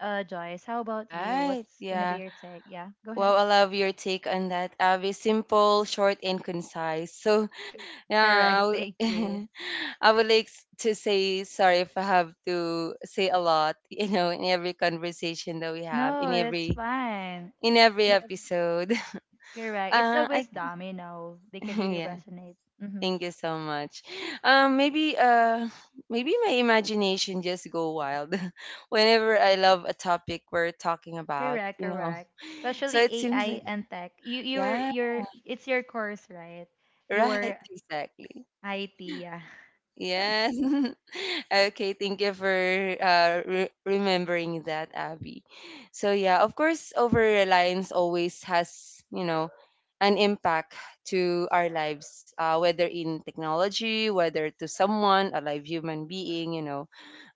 [SPEAKER 1] Joyce, how about you?
[SPEAKER 2] Right.
[SPEAKER 1] What's gonna be
[SPEAKER 2] Yeah.
[SPEAKER 1] your take? Yeah, go ahead.
[SPEAKER 2] Wow, I love your take on that, Abby. Simple, short, and concise. So
[SPEAKER 1] C- Correct,
[SPEAKER 2] now
[SPEAKER 1] thank you.
[SPEAKER 2] I would like to say sorry if I have to say a lot, you know, in every conversation that we have,
[SPEAKER 1] No, that's fine.
[SPEAKER 2] in every
[SPEAKER 1] Yeah,
[SPEAKER 2] episode.
[SPEAKER 1] correct. It's a
[SPEAKER 2] I
[SPEAKER 1] wisdom, you know. They can really
[SPEAKER 2] yeah,
[SPEAKER 1] resonate. Mm-hmm.
[SPEAKER 2] thank you so much. Maybe maybe my imagination just go wild whenever I love a topic we're talking about,
[SPEAKER 1] Correct,
[SPEAKER 2] you know.
[SPEAKER 1] correct.
[SPEAKER 2] So
[SPEAKER 1] Especially
[SPEAKER 2] it seems
[SPEAKER 1] AI
[SPEAKER 2] like
[SPEAKER 1] and tech. You you're
[SPEAKER 2] yeah,
[SPEAKER 1] you're it's your course, right?
[SPEAKER 2] right,
[SPEAKER 1] Your
[SPEAKER 2] exactly.
[SPEAKER 1] IT, yeah.
[SPEAKER 2] Yes. Okay, thank you for remembering that, Abby. So yeah, of course, over reliance always has, you know, an impact to our lives, whether in technology, whether to someone, a live human being, you know,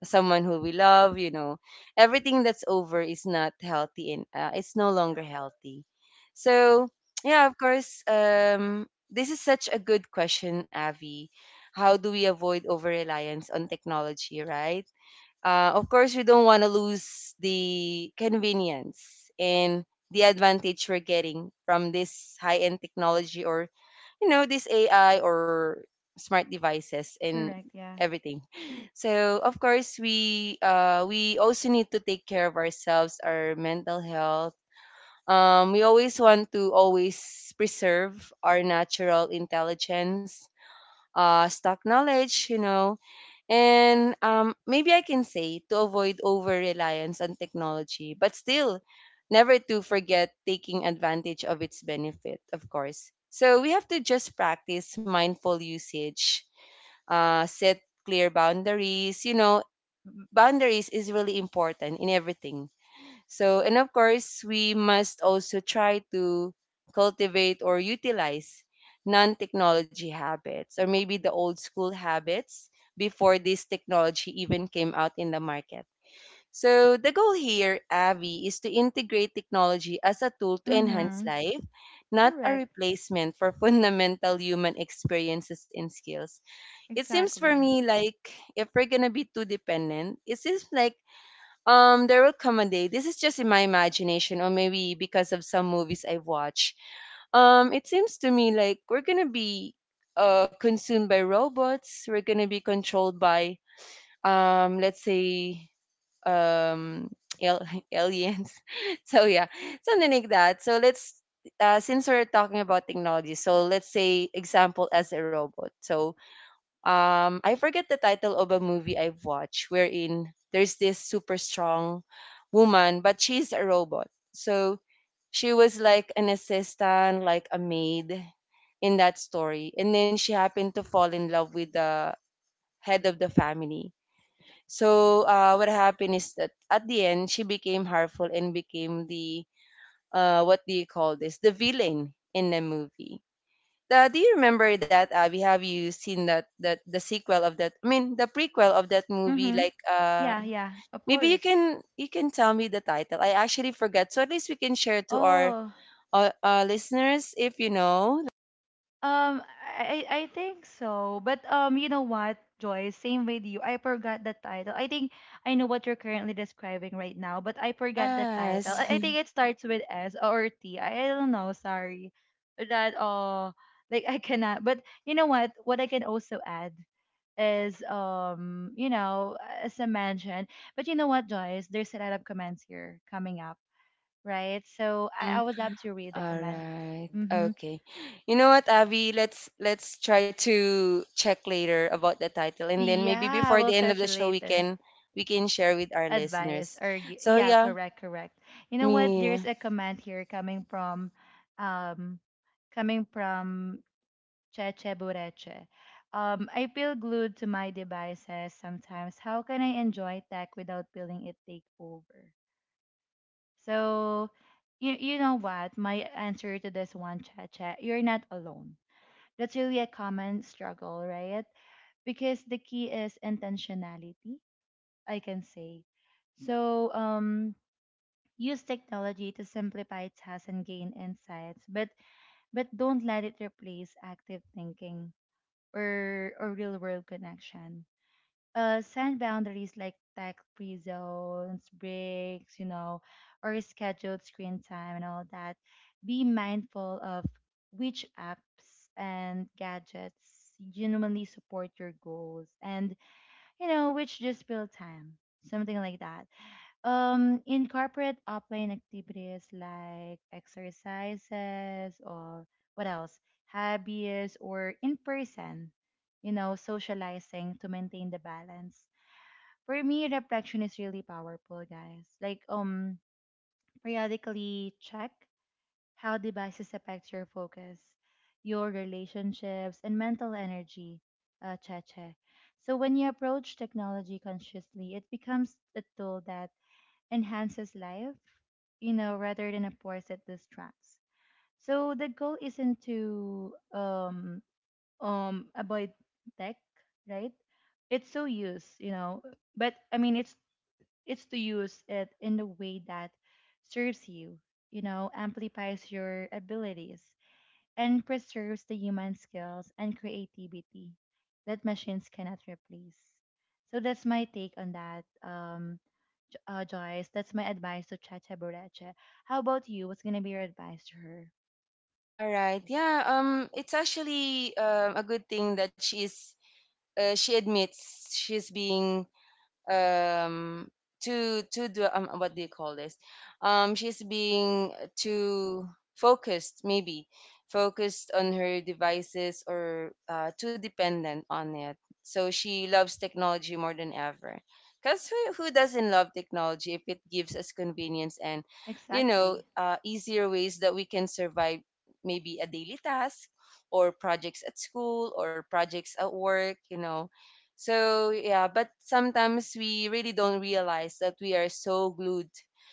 [SPEAKER 2] someone who we love, you know, everything that's over is not healthy, and it's no longer healthy. So yeah, of course, this is such a good question, Avi, how do we avoid over reliance on technology, right? Of course, we don't want to lose the convenience and the advantage we're getting from this high end technology, or, you know, this AI or smart devices and
[SPEAKER 1] Correct, yeah.
[SPEAKER 2] everything. So, of course, we also need to take care of ourselves, our mental health. We always want to always preserve our natural intelligence, stock knowledge, you know, and maybe I can say to avoid over reliance on technology, but still never to forget taking advantage of its benefit, of course. So we have to just practice mindful usage, set clear boundaries. You know, boundaries is really important in everything. So, and of course, we must also try to cultivate or utilize non technology habits, or maybe the old school habits before this technology even came out in the market. So, the goal here, Avi, is to integrate technology as a tool to enhance
[SPEAKER 1] Mm-hmm.
[SPEAKER 2] life, not a
[SPEAKER 1] Correct.
[SPEAKER 2] replacement for fundamental human experiences and skills. It seems for
[SPEAKER 1] Exactly.
[SPEAKER 2] me like if we're going to be too dependent, it seems like, there will come a day. This is just in my imagination, or maybe because of some movies I've watched. It seems to me like we're gonna be consumed by robots. We're gonna be controlled by let's say um al- aliens. So yeah, something like that. So let's since we're talking about technology, so let's say example as a robot. So I forget the title of a movie I've watched wherein there's this super strong woman, but she's a robot. So she was like an assistant, like a maid in that story. And then she happened to fall in love with the head of the family. So what happened is that at the end she became harmful and became the, what do you call this? The villain in the movie. Do you remember that, Abby? Have you seen that the sequel of that? I mean, the prequel of that movie.
[SPEAKER 1] Mm-hmm.
[SPEAKER 2] Like,
[SPEAKER 1] Yeah, yeah, of
[SPEAKER 2] maybe
[SPEAKER 1] course.
[SPEAKER 2] you can tell me the title. I actually forgot. So at least we can share to our
[SPEAKER 1] Oh,
[SPEAKER 2] listeners if you know.
[SPEAKER 1] um, I think so. But you know what, Joy? Same with you. I forgot the title. I think I know what you're currently describing right now, but I forgot the title.
[SPEAKER 2] Yes.
[SPEAKER 1] I think it starts with S or T. I don't know. Sorry, that like I cannot. But you know what? What I can also add is you know, as I mentioned. But you know what, Joyce? There's a lot of comments here coming up, right? So I
[SPEAKER 2] Mm,
[SPEAKER 1] would Mm. love to read the
[SPEAKER 2] all
[SPEAKER 1] comment.
[SPEAKER 2] right.
[SPEAKER 1] Mm-hmm.
[SPEAKER 2] Okay. You know what, Abby? Let's try to check later about the title, and then maybe
[SPEAKER 1] Yeah,
[SPEAKER 2] before the
[SPEAKER 1] we'll
[SPEAKER 2] end of
[SPEAKER 1] search
[SPEAKER 2] the show,
[SPEAKER 1] later.
[SPEAKER 2] we can share with our
[SPEAKER 1] Advice
[SPEAKER 2] listeners.
[SPEAKER 1] or
[SPEAKER 2] So
[SPEAKER 1] yeah,
[SPEAKER 2] yeah,
[SPEAKER 1] correct, correct. You know what? There's
[SPEAKER 2] me.
[SPEAKER 1] a comment here um, coming from Cheche Bureche. I feel glued to my devices sometimes. How can I enjoy tech without feeling it take over? So, you know what? My answer to this one, Cheche, you're not alone. That's really a common struggle, right? Because the key is intentionality, I can say. So use technology to simplify tasks and gain insights, but don't let it replace active thinking or real world connection. Set boundaries like tech-free zones, breaks, you know, or scheduled screen time and all that. Be mindful of which apps and gadgets genuinely support your goals and you know, which just build time, something like that. Incorporate offline activities like exercises or what else, hobbies or in person, you know, socializing to maintain the balance. For me, reflection is really powerful, guys. Like, periodically check how devices affect your focus, your relationships, and mental energy, Cheche. So when you approach technology consciously, it becomes a tool that enhances life, you know, rather than a force that distracts. So the goal isn't to avoid tech, right? It's to use, you know, but I mean it's to use it in the way that serves you, you know, amplifies your abilities and preserves the human skills and creativity that machines cannot replace. So that's my take on that, Joyce. That's my advice to Chacha Bureche. How about you? What's gonna be your advice to her?
[SPEAKER 2] All right. Yeah. It's actually a good thing that she's she admits she's being um to do what do you call this, she's being too focused, maybe focused on her devices, or too dependent on it, so she loves technology more than ever, because who doesn't love technology if it gives us convenience and, you know,
[SPEAKER 1] Exactly.
[SPEAKER 2] easier ways that we can survive maybe a daily task or projects at school or projects at work, you know. So yeah, but sometimes we really don't realize that we are so glued.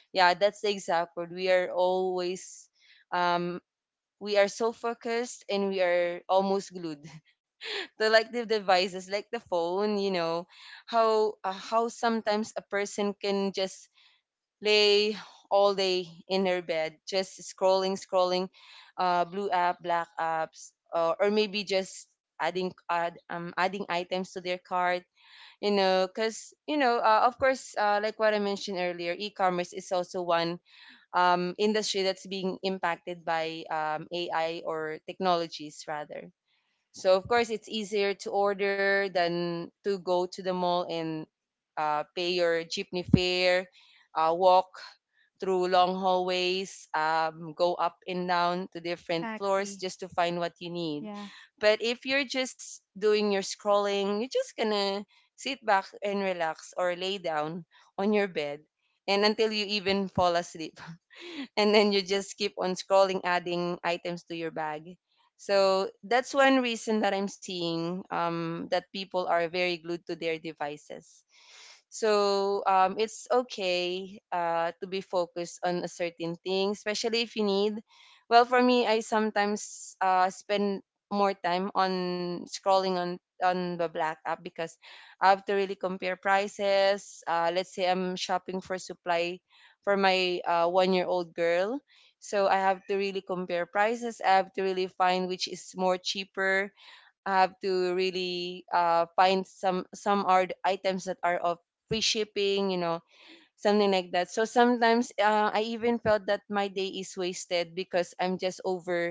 [SPEAKER 2] Yeah, that's the exact word. We are always um we are so focused, and we are almost glued to, like, the devices, like the phone, you know, how sometimes a person can just lay all day in her bed just scrolling blue app, black apps, or maybe just adding items to their cart, you know, because you know, of course, like what I mentioned earlier, e-commerce is also one industry that's being impacted by, AI or technologies rather. So of course, it's easier to order than to go to the mall and pay your jeepney fare, walk through long hallways, go up and down to different floors
[SPEAKER 1] Exactly.
[SPEAKER 2] just to find what you need.
[SPEAKER 1] Yeah.
[SPEAKER 2] But if you're just doing your scrolling, you're just gonna sit back and relax or lay down on your bed, and until you even fall asleep. And then you just keep on scrolling, adding items to your bag. So that's one reason that I'm seeing, that people are very glued to their devices. So it's okay to be focused on a certain thing, especially if you need. Well, for me, I sometimes spend more time on scrolling on the black app because I have to really compare prices. Let's say I'm shopping for supply for my 1-year old girl. So I have to really compare prices. I have to really find which is more cheaper. I have to really find some are the items that are of free shipping. You know, something like that. So sometimes I even felt that my day is wasted because I'm just over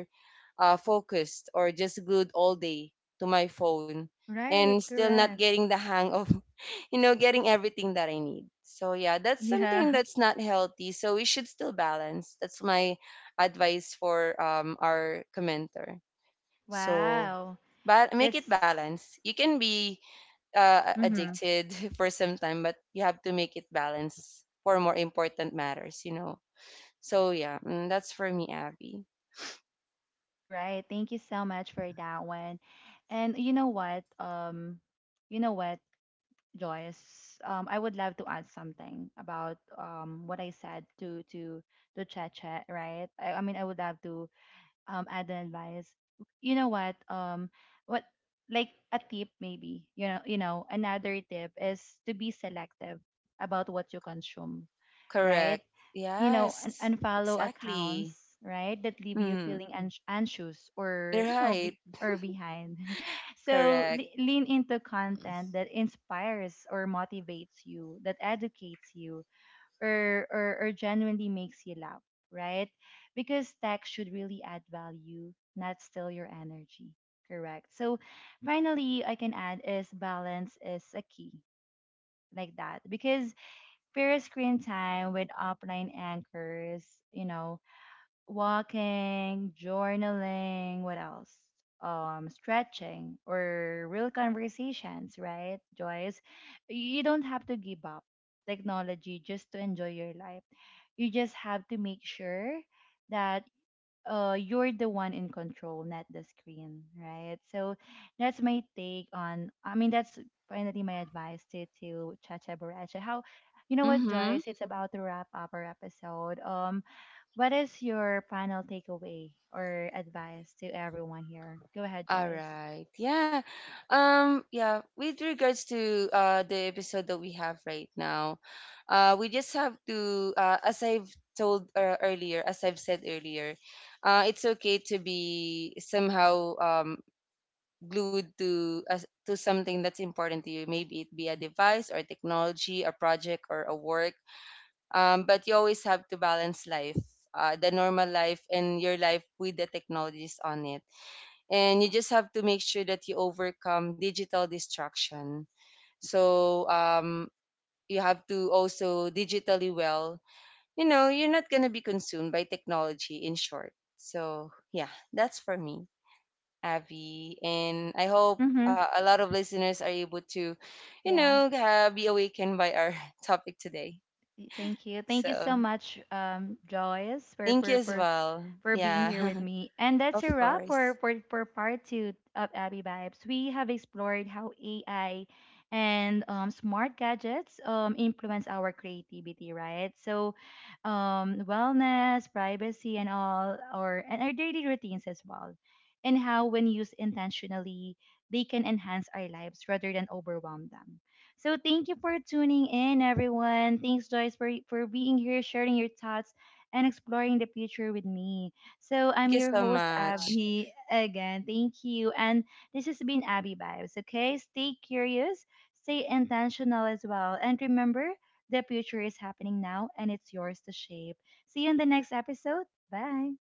[SPEAKER 2] focused, or just glued all day to my phone, and
[SPEAKER 1] Right,
[SPEAKER 2] still not
[SPEAKER 1] correct.
[SPEAKER 2] getting the hang of you know, getting everything that I need. So yeah, that's something
[SPEAKER 1] Yeah.
[SPEAKER 2] that's not healthy. So we should still balance. That's my advice for, our commenter. So
[SPEAKER 1] Wow.
[SPEAKER 2] but make it
[SPEAKER 1] That's
[SPEAKER 2] balance. You can be
[SPEAKER 1] mm-hmm.
[SPEAKER 2] addicted for some time, but you have to make it balance for more important matters, you know. So yeah, mm, that's for me, Abby.
[SPEAKER 1] right. Thank you so much for that one. And you know what? You know what? Joyce, I would love to add something about what I said to Cheche, right? I mean, I would love to add an advice. You know what? What like a tip maybe? You know, another tip is to be selective about what you consume,
[SPEAKER 2] Correct.
[SPEAKER 1] right? You know,
[SPEAKER 2] Yes,
[SPEAKER 1] unfollow
[SPEAKER 2] exactly.
[SPEAKER 1] accounts, right? That leave you
[SPEAKER 2] Mm-hmm.
[SPEAKER 1] feeling anxious or, you know,
[SPEAKER 2] Right.
[SPEAKER 1] be or behind. So
[SPEAKER 2] Correct.
[SPEAKER 1] lean into content that inspires or motivates you, that educates you, or genuinely makes you laugh, right? Because tech should really add value, not steal your energy. Correct. So finally, I can add is balance is a key like that because fair screen time with offline anchors, you know, walking, journaling, what else? Stretching or real conversations, right, Joyce? You don't have to give up technology just to enjoy your life. You just have to make sure that you're the one in control, not the screen, right? So that's my take on. I mean, that's finally my advice to Chacha Boracha. How, you know what,
[SPEAKER 2] Mm-hmm.
[SPEAKER 1] Joyce? It's about to wrap up our episode. What is your final takeaway or advice to everyone here? Go ahead,
[SPEAKER 2] All
[SPEAKER 1] Joyce.
[SPEAKER 2] right. Yeah. Yeah, with regards to the episode that we have right now, we just have to as I've told earlier, as I've said earlier, it's okay to be somehow glued to as to something that's important to you. Maybe it be a device or technology, a project or a work. But you always have to balance life, the normal life and your life with the technologies on it, and you just have to make sure that you overcome digital distraction. So you have to also digitally, well, you know, you're not going to be consumed by technology in short. So yeah, that's for me, Avi, and I hope
[SPEAKER 1] Mm-hmm.
[SPEAKER 2] a lot of listeners are able to, you know,
[SPEAKER 1] Yeah.
[SPEAKER 2] be awakened by our topic today.
[SPEAKER 1] Thank you. Thank you
[SPEAKER 2] So
[SPEAKER 1] so much, Joyce,
[SPEAKER 2] thank you
[SPEAKER 1] for,
[SPEAKER 2] as
[SPEAKER 1] for
[SPEAKER 2] well.
[SPEAKER 1] for being here
[SPEAKER 2] Yeah.
[SPEAKER 1] with me. And
[SPEAKER 2] Of
[SPEAKER 1] that's a wrap
[SPEAKER 2] course,
[SPEAKER 1] for part two of Abby Vibes. We have explored how AI and smart gadgets influence our creativity, right? So, wellness, privacy, and all, or and our daily routines as well, and how when used intentionally, they can enhance our lives rather than overwhelm them. So thank you for tuning in, everyone. Thanks, Joyce, for being here, sharing your thoughts, and exploring the future with me. So
[SPEAKER 2] thank you
[SPEAKER 1] I'm
[SPEAKER 2] so
[SPEAKER 1] your host, Yeah.
[SPEAKER 2] much.
[SPEAKER 1] Abby, again. Thank you. And this has been Abby Vibes, okay? Stay curious, stay intentional as well. And remember, the future is happening now and it's yours to shape. See you in the next episode. Bye.